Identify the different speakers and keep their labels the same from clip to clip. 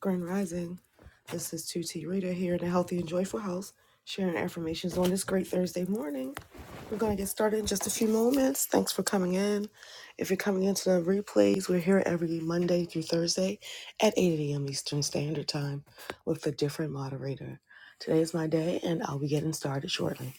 Speaker 1: Grand Rising. This is 2T Rita here in a healthy and joyful house, sharing affirmations on this great Thursday morning. We're going to get started in just a few moments. Thanks for coming in. If you're coming into the replays, we're here every Monday through Thursday at 8 a.m. Eastern Standard Time with a different moderator. Today is my day, and I'll be getting started shortly.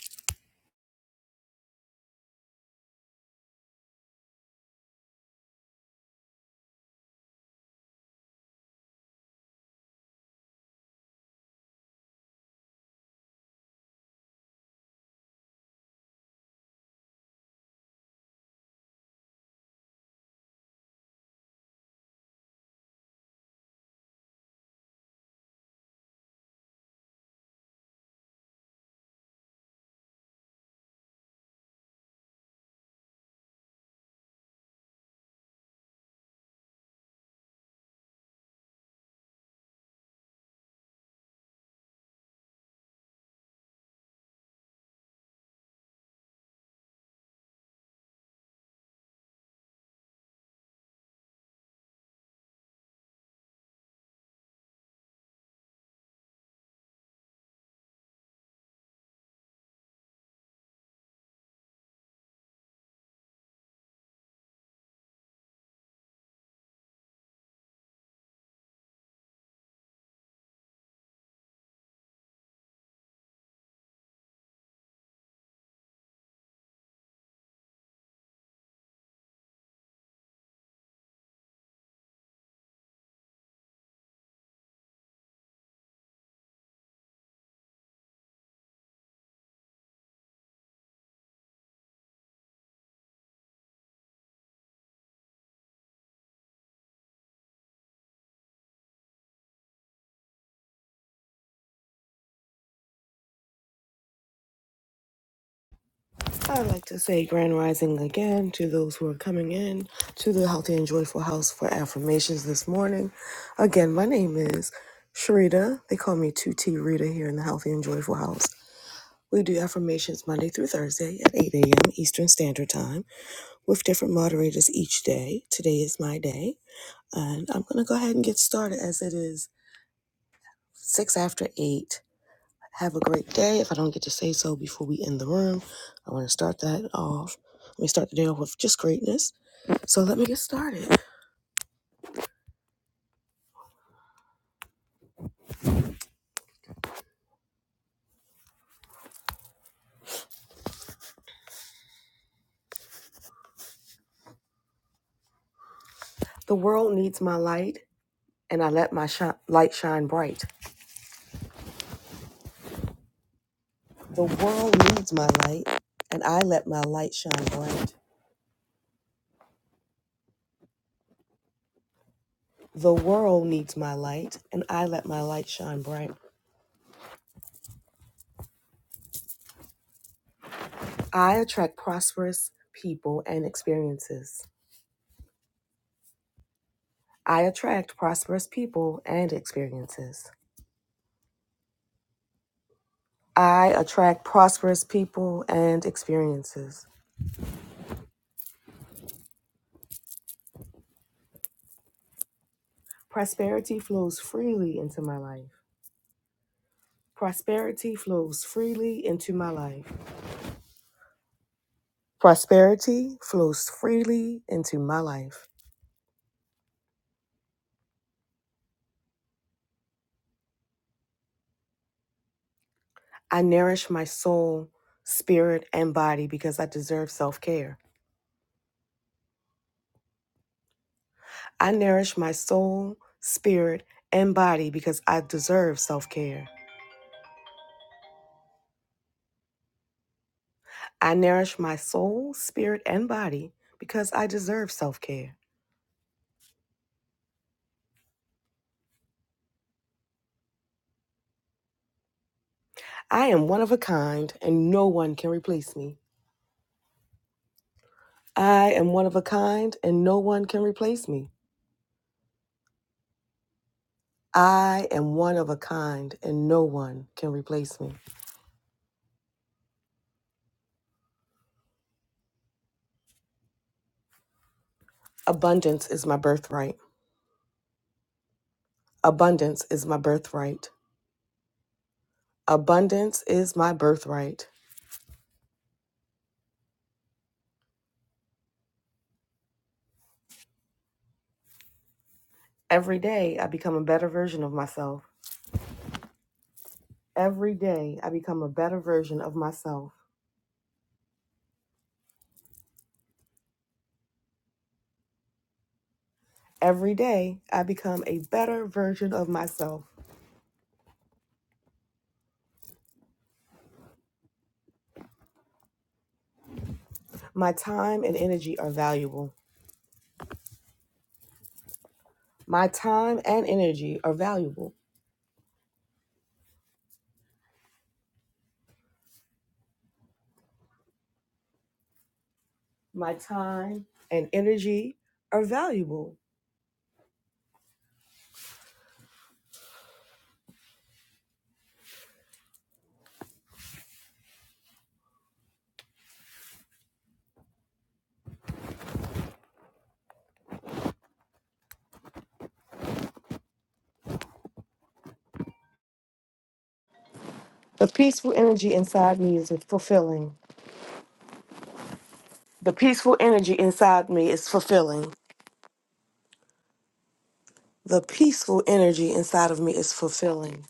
Speaker 1: I would like to say grand rising again to those who are coming in to the Healthy and Joyful House for affirmations this morning. Again, my name is Sharita. They call me 2T Rita here in the Healthy and Joyful House. We do affirmations Monday through Thursday at 8 a.m. Eastern Standard Time with different moderators each day. Today is my day, and I'm going to go ahead and get started as it is 6 after 8 have a great day. If I don't get to say so before we end the room, I want to start that off. Let me start the day off with just greatness. So let me get started. The world needs my light, and I let my shi- light shine bright. The world needs my light, and I let my light shine bright. The world needs my light, and I let my light shine bright. I attract prosperous people and experiences. I attract prosperous people and experiences. I attract prosperous people and experiences. Prosperity flows freely into my life. Prosperity flows freely into my life. Prosperity flows freely into my life. I nourish my soul, spirit, and body because I deserve self care. I nourish my soul, spirit, and body because I deserve self care. I nourish my soul, spirit, and body because I deserve self care. I am one of a kind and no one can replace me. I am one of a kind and no one can replace me. I am one of a kind and no one can replace me. Abundance is my birthright. Abundance is my birthright. Abundance is my birthright. Every day I become a better version of myself. Every day I become a better version of myself. Every day I become a better version of myself. My time and energy are valuable. My time and energy are valuable. My time and energy are valuable. The peaceful energy inside me is fulfilling. The peaceful energy inside me is fulfilling. The peaceful energy inside of me is fulfilling.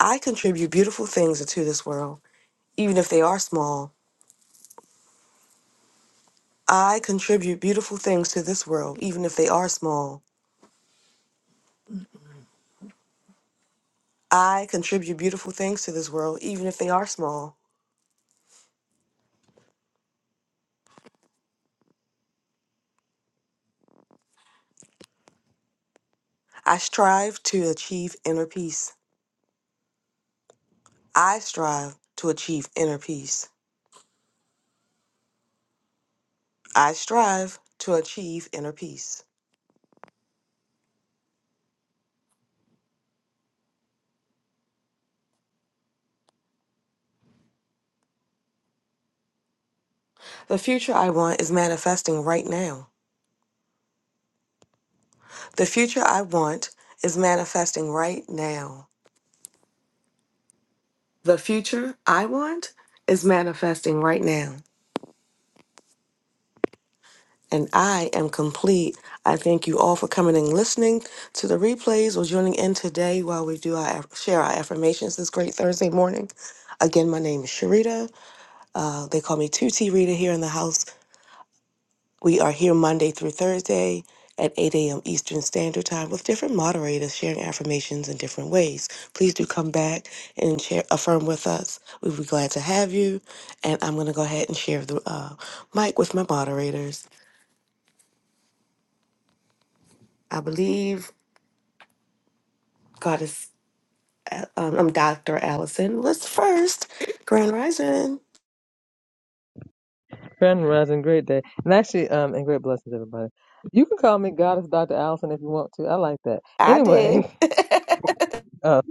Speaker 1: I contribute beautiful things into this world, even if they are small. I contribute beautiful things to this world, even if they are small. I contribute beautiful things to this world, even if they are small. I strive to achieve inner peace. I strive to achieve inner peace. I strive to achieve inner peace. The future I want is manifesting right now. The future I want is manifesting right now. The future I want is manifesting right now. And I am complete. I thank you all for coming and listening to the replays or joining in today while we do our share our affirmations this great Thursday morning. Again, my name is Sharita. Uh, they call me 2T Rita here in the house. We are here Monday through Thursday at 8 a.m. Eastern Standard Time with different moderators sharing affirmations in different ways. Please do come back and share, affirm with us. We'd be glad to have you. And I'm going to go ahead and share the uh, mic with my moderators. I believe God is, um, I'm Dr. Allison. Let's first, Grand Rising.
Speaker 2: Grand Rising, great day. And actually, um, and great blessings, everybody. You can call me Goddess Dr. Allison if you want to. I like that.
Speaker 1: I did.
Speaker 2: Anyway, um,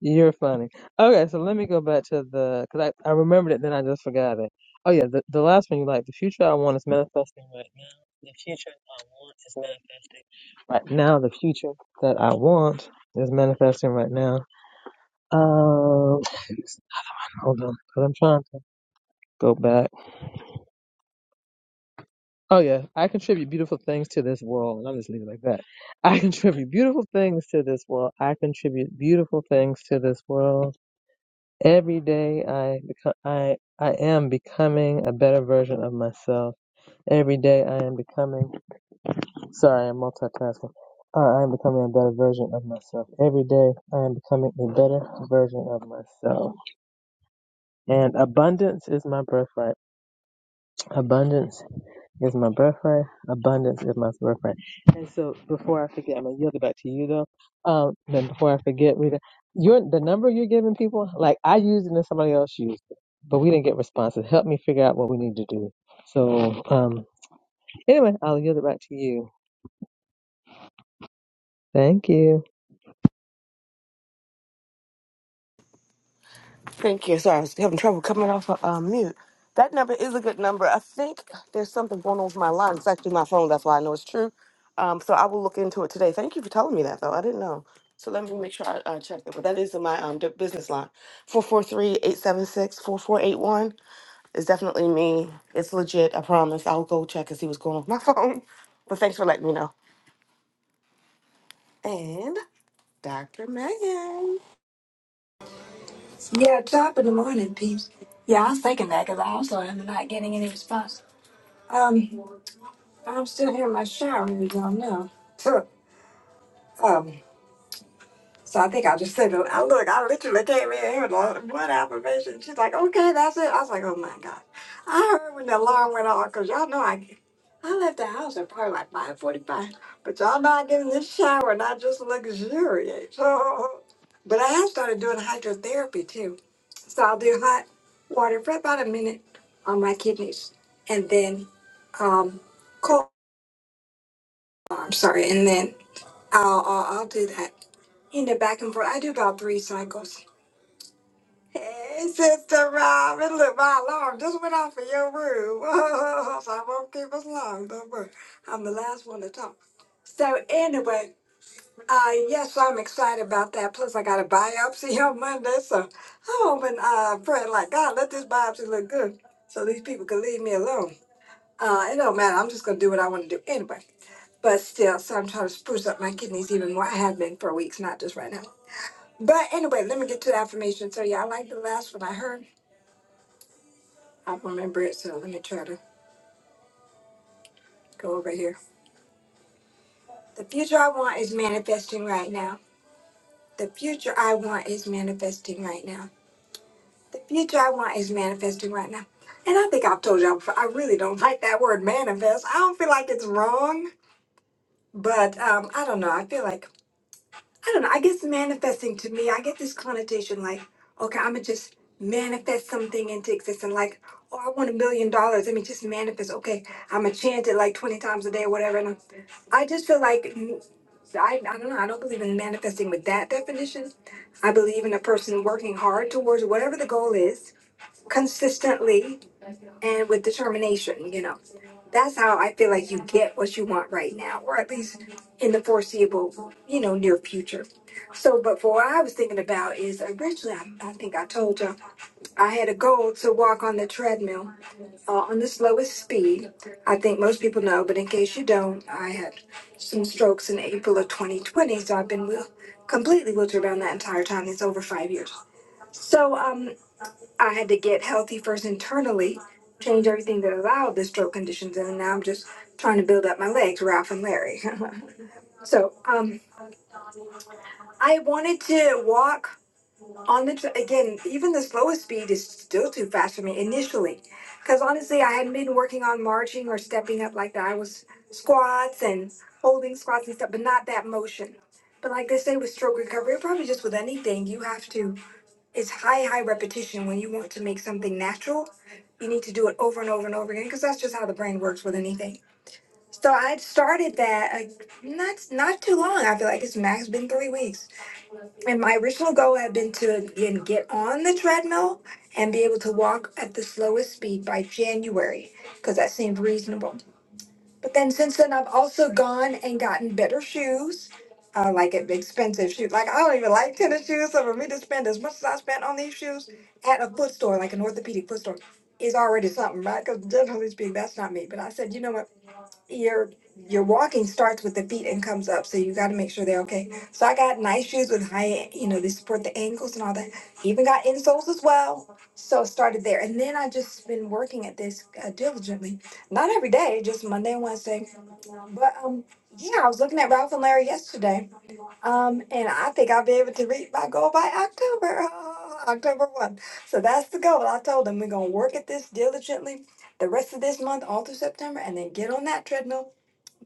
Speaker 2: you're funny. Okay, so let me go back to the, because I, I remembered it, then I just forgot it. Oh, yeah, the, the last one you like. The future I want is manifesting right now. The future I want is manifesting right now. The future that I want is manifesting right now. Um, hold on, because I'm trying to go back. Oh yeah, I contribute beautiful things to this world, and I'm just leaving it like that. I contribute beautiful things to this world. I contribute beautiful things to this world. Every day I become I I am becoming a better version of myself. Every day I am becoming sorry, I'm multitasking. Uh, I am becoming a better version of myself. Every day I am becoming a better version of myself. And abundance is my birthright. Abundance Is my birthright. Abundance is my birthright. And so before I forget, I'm gonna yield it back to you though. Um, then before I forget, Rita, you're the number you're giving people, like I used it and somebody else used it, but we didn't get responses. Help me figure out what we need to do. So um anyway, I'll yield it back to you. Thank you.
Speaker 1: Thank you. Sorry, I was having trouble coming off of uh, mute. That number is a good number. I think there's something going on with my line. It's actually my phone. That's why I know it's true. Um, so I will look into it today. Thank you for telling me that, though. I didn't know. So let me make sure I uh, check it. But that is in my um, d- business line. four four three eight seven six four four eight one. 876 is definitely me. It's legit. I promise. I'll go check and see what's going on with my phone. But thanks for letting me know. And Dr. Megan.
Speaker 3: Yeah, top of the morning, peeps. Yeah, I was thinking that because I also am not getting any response. Um, I'm still here in my shower, you don't know. So, um, so I think I just said, I look, I literally came in here with a- one affirmation. She's like, okay, that's it. I was like, oh my God. I heard when the alarm went off because y'all know I, I left the house at probably like 545. But y'all know I get in this shower and I just luxuriate. So, but I have started doing hydrotherapy too. So I'll do hot water for about a minute on my kidneys, and then um, cold. I'm sorry, and then I'll, I'll I'll do that in the back and forth. I do about three cycles. Hey, Sister Rob, and look, my alarm just went off in your room. so I won't keep us long. Don't worry, I'm the last one to talk. So anyway, Uh, yes, I'm excited about that. Plus, I got a biopsy on Monday, so I'm hoping, uh, praying like God, let this biopsy look good, so these people can leave me alone. Uh, it don't matter. I'm just gonna do what I want to do anyway. But still, so I'm trying to spruce up my kidneys even more. I have been for weeks, not just right now. But anyway, let me get to the affirmation. So yeah, I like the last one I heard. I remember it, so let me try to go over here. The future I want is manifesting right now. The future I want is manifesting right now. The future I want is manifesting right now. And I think I've told y'all before, I really don't like that word manifest. I don't feel like it's wrong, but um, I don't know. I feel like, I don't know. I guess manifesting to me, I get this connotation like, okay, I'm going to just manifest something into existence. Like, oh, I want a million dollars. I mean, just manifest. Okay, I'm going to chant it like 20 times a day or whatever. And I, I just feel like, mm, I, I don't know. I don't believe in manifesting with that definition. I believe in a person working hard towards whatever the goal is consistently and with determination, you know. That's how I feel like you get what you want right now, or at least in the foreseeable, you know, near future. So, but for what I was thinking about is originally, I, I think I told you, I had a goal to walk on the treadmill uh, on the slowest speed. I think most people know, but in case you don't, I had some strokes in April of 2020, so I've been wheel- completely wheelchair bound that entire time. It's over five years. So, um, I had to get healthy first internally, change everything that allowed the stroke conditions, and now I'm just trying to build up my legs, Ralph and Larry. so, um, I wanted to walk on the tr again. Even the slowest speed is still too fast for me initially, because honestly, I hadn't been working on marching or stepping up like that. I was squats and holding squats and stuff, but not that motion. But like they say with stroke recovery, or probably just with anything, you have to it's high, high repetition. When you want to make something natural, you need to do it over and over and over again because that's just how the brain works with anything. So I started that like not not too long. I feel like it's max been three weeks, and my original goal had been to again get on the treadmill and be able to walk at the slowest speed by January because that seemed reasonable. But then since then, I've also gone and gotten better shoes, uh, like at expensive shoes. Like I don't even like tennis shoes, so for me to spend as much as I spent on these shoes at a foot store, like an orthopedic foot store, is already something, right? Because generally speaking, that's not me. But I said, you know what? your your walking starts with the feet and comes up, so you got to make sure they're okay. So I got nice shoes with high, you know, they support the ankles and all that. Even got insoles as well. So I started there, and then I just been working at this uh, diligently, not every day, just Monday and Wednesday. But um, yeah, I was looking at Ralph and Larry yesterday, um, and I think I'll be able to reach my goal by October, uh, October one. So that's the goal. I told them we're gonna work at this diligently the rest of this month all through September, and then get on that treadmill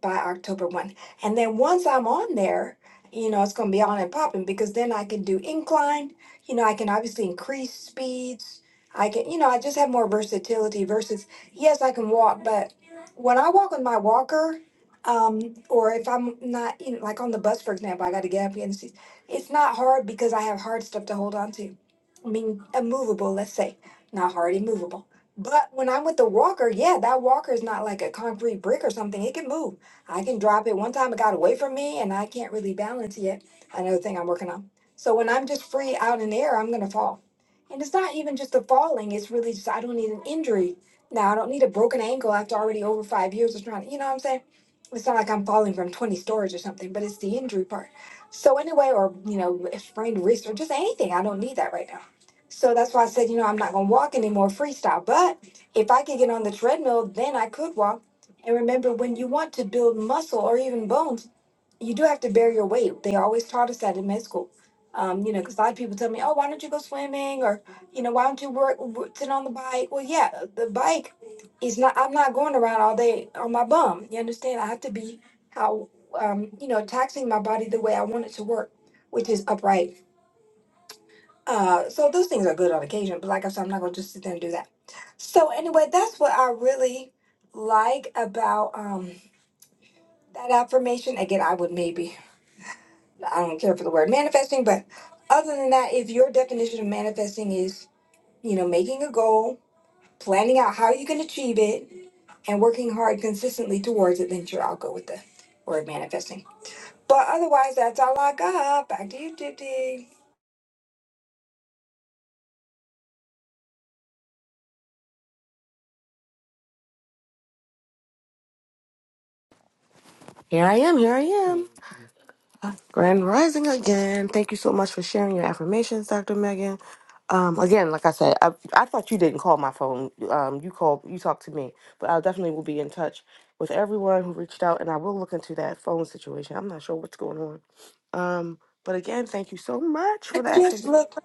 Speaker 3: by October 1. And then once I'm on there, you know, it's going to be on and popping because then I can do incline. You know, I can obviously increase speeds. I can, you know, I just have more versatility versus, yes, I can walk, but when I walk with my walker, um, or if I'm not, you know, like on the bus, for example, I got to get up against these. It's not hard because I have hard stuff to hold on to. I mean, immovable, let's say, not hard, immovable. But when I'm with the walker, yeah, that walker is not like a concrete brick or something. It can move. I can drop it. One time it got away from me and I can't really balance yet. Another thing I'm working on. So when I'm just free out in the air, I'm gonna fall. And it's not even just the falling, it's really just I don't need an injury. Now I don't need a broken ankle after already over five years of trying to you know what I'm saying? It's not like I'm falling from 20 stories or something, but it's the injury part. So anyway, or you know, a sprained wrist or just anything. I don't need that right now. So that's why I said, you know, I'm not gonna walk anymore freestyle. But if I could get on the treadmill, then I could walk and remember, when you want to build muscle or even bones, you do have to bear your weight. They always taught us that in med school. Um, you know, because a lot of people tell me, oh, why don't you go swimming? Or, you know, why don't you work, w- sit on the bike? Well, yeah, the bike is not, I'm not going around all day on my bum. You understand? I have to be how, um, you know, taxing my body the way I want it to work, which is upright. Uh, so those things are good on occasion, but like I said, I'm not going to just sit there and do that. So anyway, that's what I really like about. Um, that affirmation again i would maybe i don't care for the word manifesting but other than that if your definition of manifesting is you know making a goal planning out how you can achieve it and working hard consistently towards it then sure i'll go with the word manifesting but otherwise that's all i got back to you Dipti.
Speaker 1: Here I am. Here I am. Grand Rising again. Thank you so much for sharing your affirmations, Dr. Megan. Um, again, like I said, I, I thought you didn't call my phone. Um, you called, you talked to me, but I definitely will be in touch with everyone who reached out, and I will look into that phone situation. I'm not sure what's going on. Um, but again, thank you so much for
Speaker 3: I
Speaker 1: that.
Speaker 3: just look.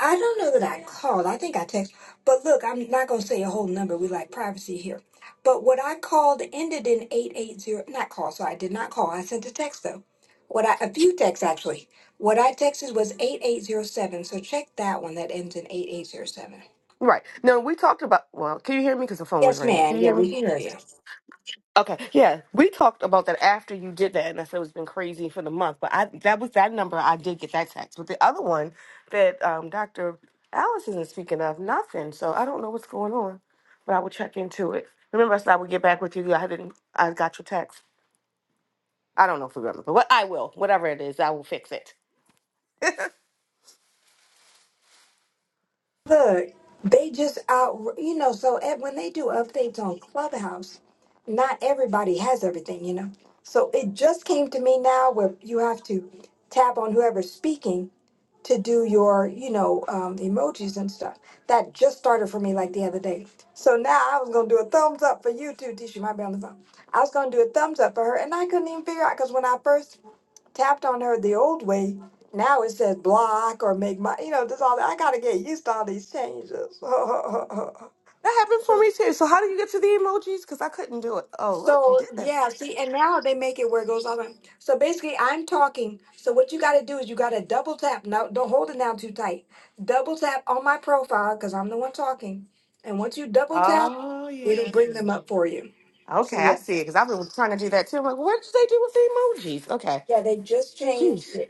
Speaker 3: I don't know that I called. I think I text. But look, I'm not gonna say a whole number. We like privacy here. But what I called ended in eight eight zero. Not call. So I did not call. I sent a text though. What I a few texts actually. What I texted was eight eight zero seven. So check that one that ends in eight eight zero seven.
Speaker 1: Right. No, we talked about. Well, can you hear me? Because the phone was
Speaker 3: Yes,
Speaker 1: ringing.
Speaker 3: ma'am.
Speaker 1: Can you
Speaker 3: Yeah,
Speaker 1: hear me?
Speaker 3: we can hear you.
Speaker 1: Okay, yeah, we talked about that after you did that, and I said it's been crazy for the month. But I that was that number. I did get that text, but the other one that um, Doctor Alice isn't speaking of nothing. So I don't know what's going on, but I will check into it. Remember, I said I would get back with you. I didn't. I got your text. I don't know if you remember, but what I will, whatever it is, I will fix it.
Speaker 3: Look, they just out, you know, so at, when they do updates on Clubhouse, not everybody has everything, you know. So it just came to me now where you have to tap on whoever's speaking to do your, you know, um, the emojis and stuff. That just started for me like the other day. So now I was going to do a thumbs up for you too, Tisha, might be on the phone. I was going to do a thumbs up for her, and I couldn't even figure out because when I first tapped on her the old way. Now it says block or make my, you know, this all that. I gotta get used to all these changes.
Speaker 1: That happened for me too. So how do you get to the emojis? Because I couldn't do it. Oh, look, you
Speaker 3: so
Speaker 1: did that.
Speaker 3: yeah, see, and now they make it where it goes all the So basically, I'm talking. So what you gotta do is you gotta double tap. Now, don't hold it down too tight. Double tap on my profile because I'm the one talking. And once you double tap,
Speaker 1: Oh yeah, I
Speaker 3: it'll bring
Speaker 1: see.
Speaker 3: them up for you.
Speaker 1: Okay,
Speaker 3: So
Speaker 1: I
Speaker 3: yeah,
Speaker 1: see it. Because I've been trying to do that too. I'm like, what did they do with the emojis? Okay.
Speaker 3: yeah, they just changed
Speaker 1: Jeez.
Speaker 3: it.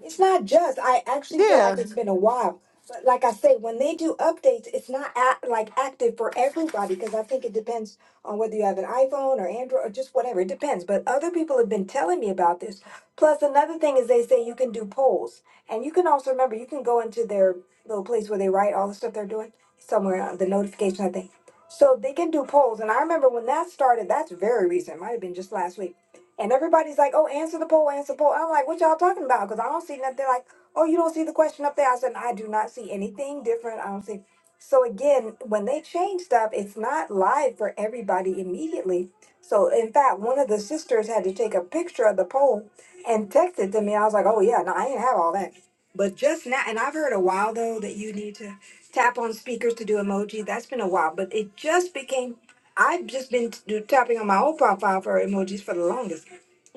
Speaker 3: It's not just. I actually feel
Speaker 1: Yeah.
Speaker 3: like it's been a while. But like I say, when they do updates, it's not act, like active for everybody because I think it depends on whether you have an iPhone or Android or just whatever. It depends. But other people have been telling me about this. Plus, another thing is they say you can do polls. And you can also remember, you can go into their little place where they write all the stuff they're doing somewhere on the notification, I think. So they can do polls. And I remember when that started, that's very recent, it might have been just last week and everybody's like, oh, answer the poll, answer the poll. I'm like, what y'all talking about? Because I don't see nothing. They're like, oh, you don't see the question up there. I said, I do not see anything different. I don't see. So again, when they change stuff, it's not live for everybody immediately. So in fact, one of the sisters had to take a picture of the poll and text it to me. I was like, oh yeah, no, I didn't have all that. But just now, and I've heard a while though that you need to tap on speakers to do emoji. That's been a while, but it just became I've just been t- do- tapping on my old profile for emojis for the longest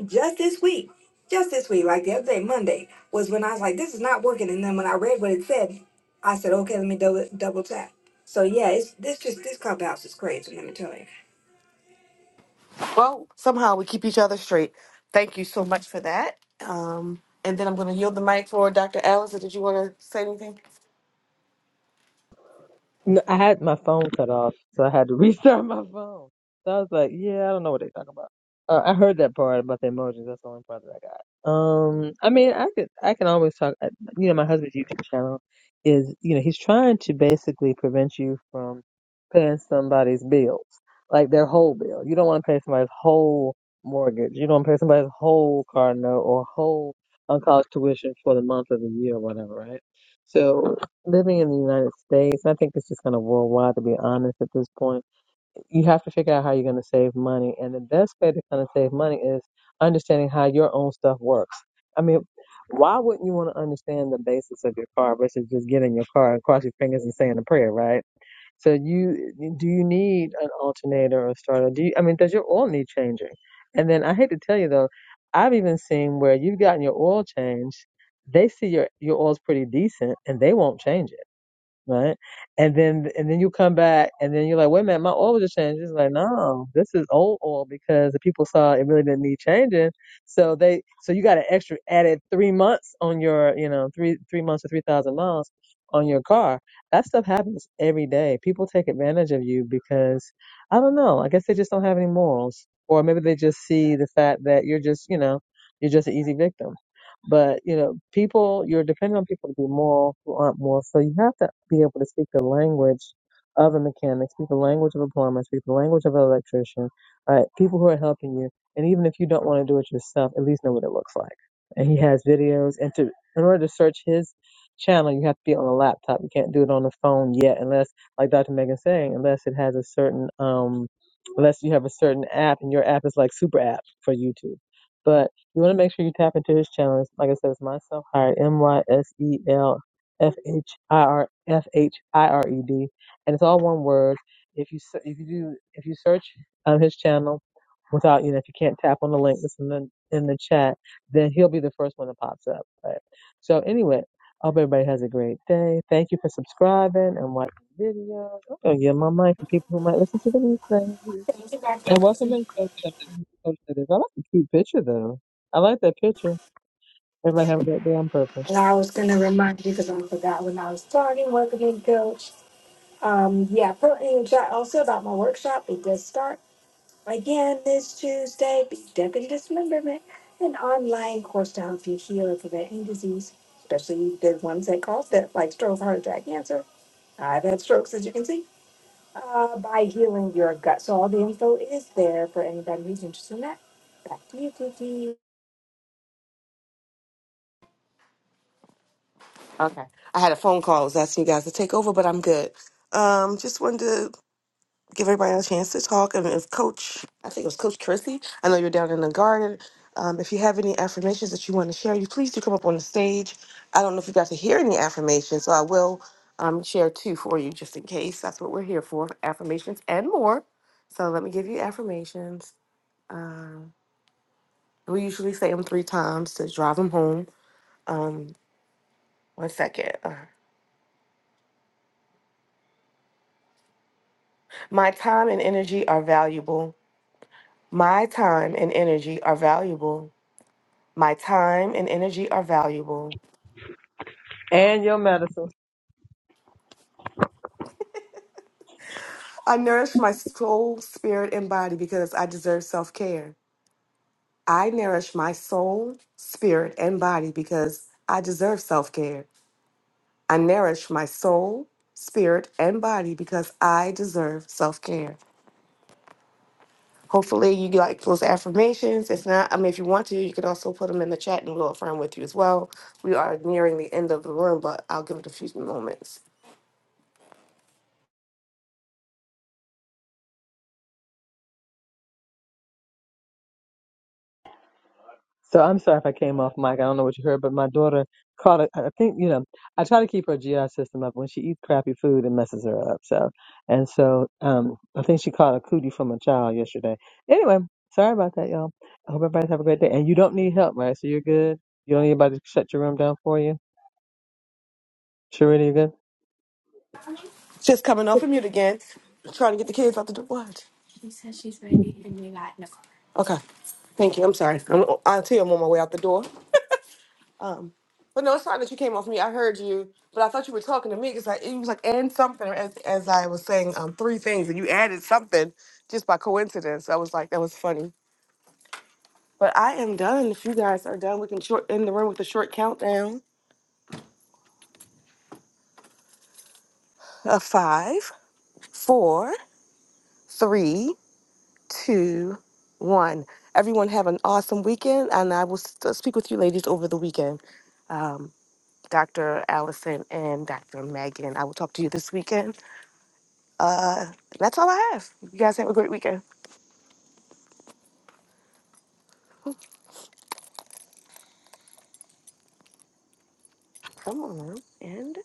Speaker 3: just this week, just this week, like the other day, Monday, was when I was like, this is not working. And then when I read what it said, I said, okay, let me double double tap. So yeah, it's this just this clubhouse is crazy. Let me tell you.
Speaker 1: Well, somehow we keep each other straight. Thank you so much for that. Um, and then I'm going to yield the mic for Dr. Allison. Did you want to say anything?
Speaker 2: No, I had my phone cut off, so I had to restart my phone. So I was like, yeah, I don't know what they're talking about. Uh, I heard that part about the emojis. That's the only part that I got. Um, I mean, I could, I can always talk. I, you know, my husband's YouTube channel is, you know, he's trying to basically prevent you from paying somebody's bills, like their whole bill. You don't want to pay somebody's whole mortgage. You don't want to pay somebody's whole car note or whole on college tuition for the month of the year or whatever, right? So living in the United States, I think it's just kind of worldwide, to be honest, at this point. You have to figure out how you're going to save money. And the best way to kind of save money is understanding how your own stuff works. I mean, why wouldn't you want to understand the basics of your car versus just getting in your car and cross your fingers and saying a prayer, right? So you do you need an alternator or starter? Do you, I mean, does your oil need changing? And then I hate to tell you though, I've even seen where you've gotten your oil changed, they see your your oil's pretty decent and they won't change it right? And then and then you come back and then you're like, wait a minute, my oil just changed. It's like, no, this is old oil because the people saw it really didn't need changing. So they so you got an extra added three months on your, you know, three three months or three thousand miles on your car. That stuff happens every day. People take advantage of you because I don't know, I guess they just don't have any morals. Or maybe they just see the fact that you're just, you know, you're just an easy victim but you know, people you're depending on people to be moral who aren't moral. So you have to be able to speak the language of a mechanic, speak the language of a plumber, speak the language of an electrician, right? People who are helping you. And even if you don't want to do it yourself, at least know what it looks like. And he has videos and to in order to search his channel you have to be on a laptop. You can't do it on the phone yet unless like Dr. Megan's saying, unless it has a certain um unless you have a certain app and your app is like super app for YouTube. But you want to make sure you tap into his challenge. Like I said, it's myself hired M Y S E L F H I R F H I R E D, and it's all one word. If you se- if you do if you search um, his channel without you know if you can't tap on the link that's in the in the chat, then he'll be the first one that pops up. Right? So anyway, I hope everybody has a great day. Thank you for subscribing and watching videos. I'm gonna give my mic for people who might listen to the replay. And welcome back folks to Coach Cities. I like the cute picture though. I like that picture. Everybody have that down purple.
Speaker 3: And I was gonna remind you because I forgot when I was starting working with coach. Um, yeah, put in the chat also about my workshop. It does start again this Tuesday. Be Deputy Dismemberment, an online course to help you heal and prevent any disease, especially the ones that cause that, like stroke, heart attack, cancer I've had strokes, as you can see, uh, by healing your gut. So all the info is there for anybody who's interested in that. Back to you, Kiki.
Speaker 1: Okay. I had a phone call. I was asking you guys to take over, but I'm good. Um, just wanted to give everybody a chance to talk. And if Coach, I think it was Coach Chrissy, I know you're down in the garden. Um, if you have any affirmations that you want to share, you please do come up on the stage. I don't know if you got to hear any affirmations, so I will um, share two for you just in case. That's what we're here for affirmations and more. So let me give you affirmations. We usually say them three times to drive them home. Um, one second. Uh, My time and energy are valuable. My time and energy are valuable. My time and energy are valuable.
Speaker 2: And your medicine.
Speaker 1: I nourish my soul, spirit, and body because I deserve self care. I nourish my soul, spirit, and body because I deserve self care. I nourish my soul, spirit, and body because I deserve self care. Hopefully, you like those affirmations. If not, I mean, if you want to, you can also put them in the chat and we'll affirm with you as well. We are nearing the end of the room, but I'll give it a few moments.
Speaker 2: So I'm sorry if I came off mic. I don't know what you heard, but my daughter caught it. I think, you know, I try to keep her GI system up. When she eats crappy food, it messes her up. So, and so um, I think she caught a cootie from a child yesterday. Anyway, sorry about that, y'all. I hope everybody have a great day. And you don't need help, right? So you're good. You don't need anybody to shut your room down for you. Sharita, you good?
Speaker 1: Just coming off of mute again, trying to get the kids out the door. Okay. Thank you. I'm sorry. I'm, I tell you, I'm on my way out the door. Um, but no, it's fine that you came off me. I heard you, but I thought you were talking to me because like, it was like and something as as I was saying um three things, and you added something just by coincidence. I was like, that was funny. But I am done. If you guys are done, we can short end the room with a short countdown of five, four, three, two, one. Everyone have an awesome weekend, and I will s- uh, speak with you ladies over the weekend. Um, Dr. Allison and Dr. Megan. I will talk to you this weekend. Uh, that's all I have. You guys have a great weekend. Come on. and.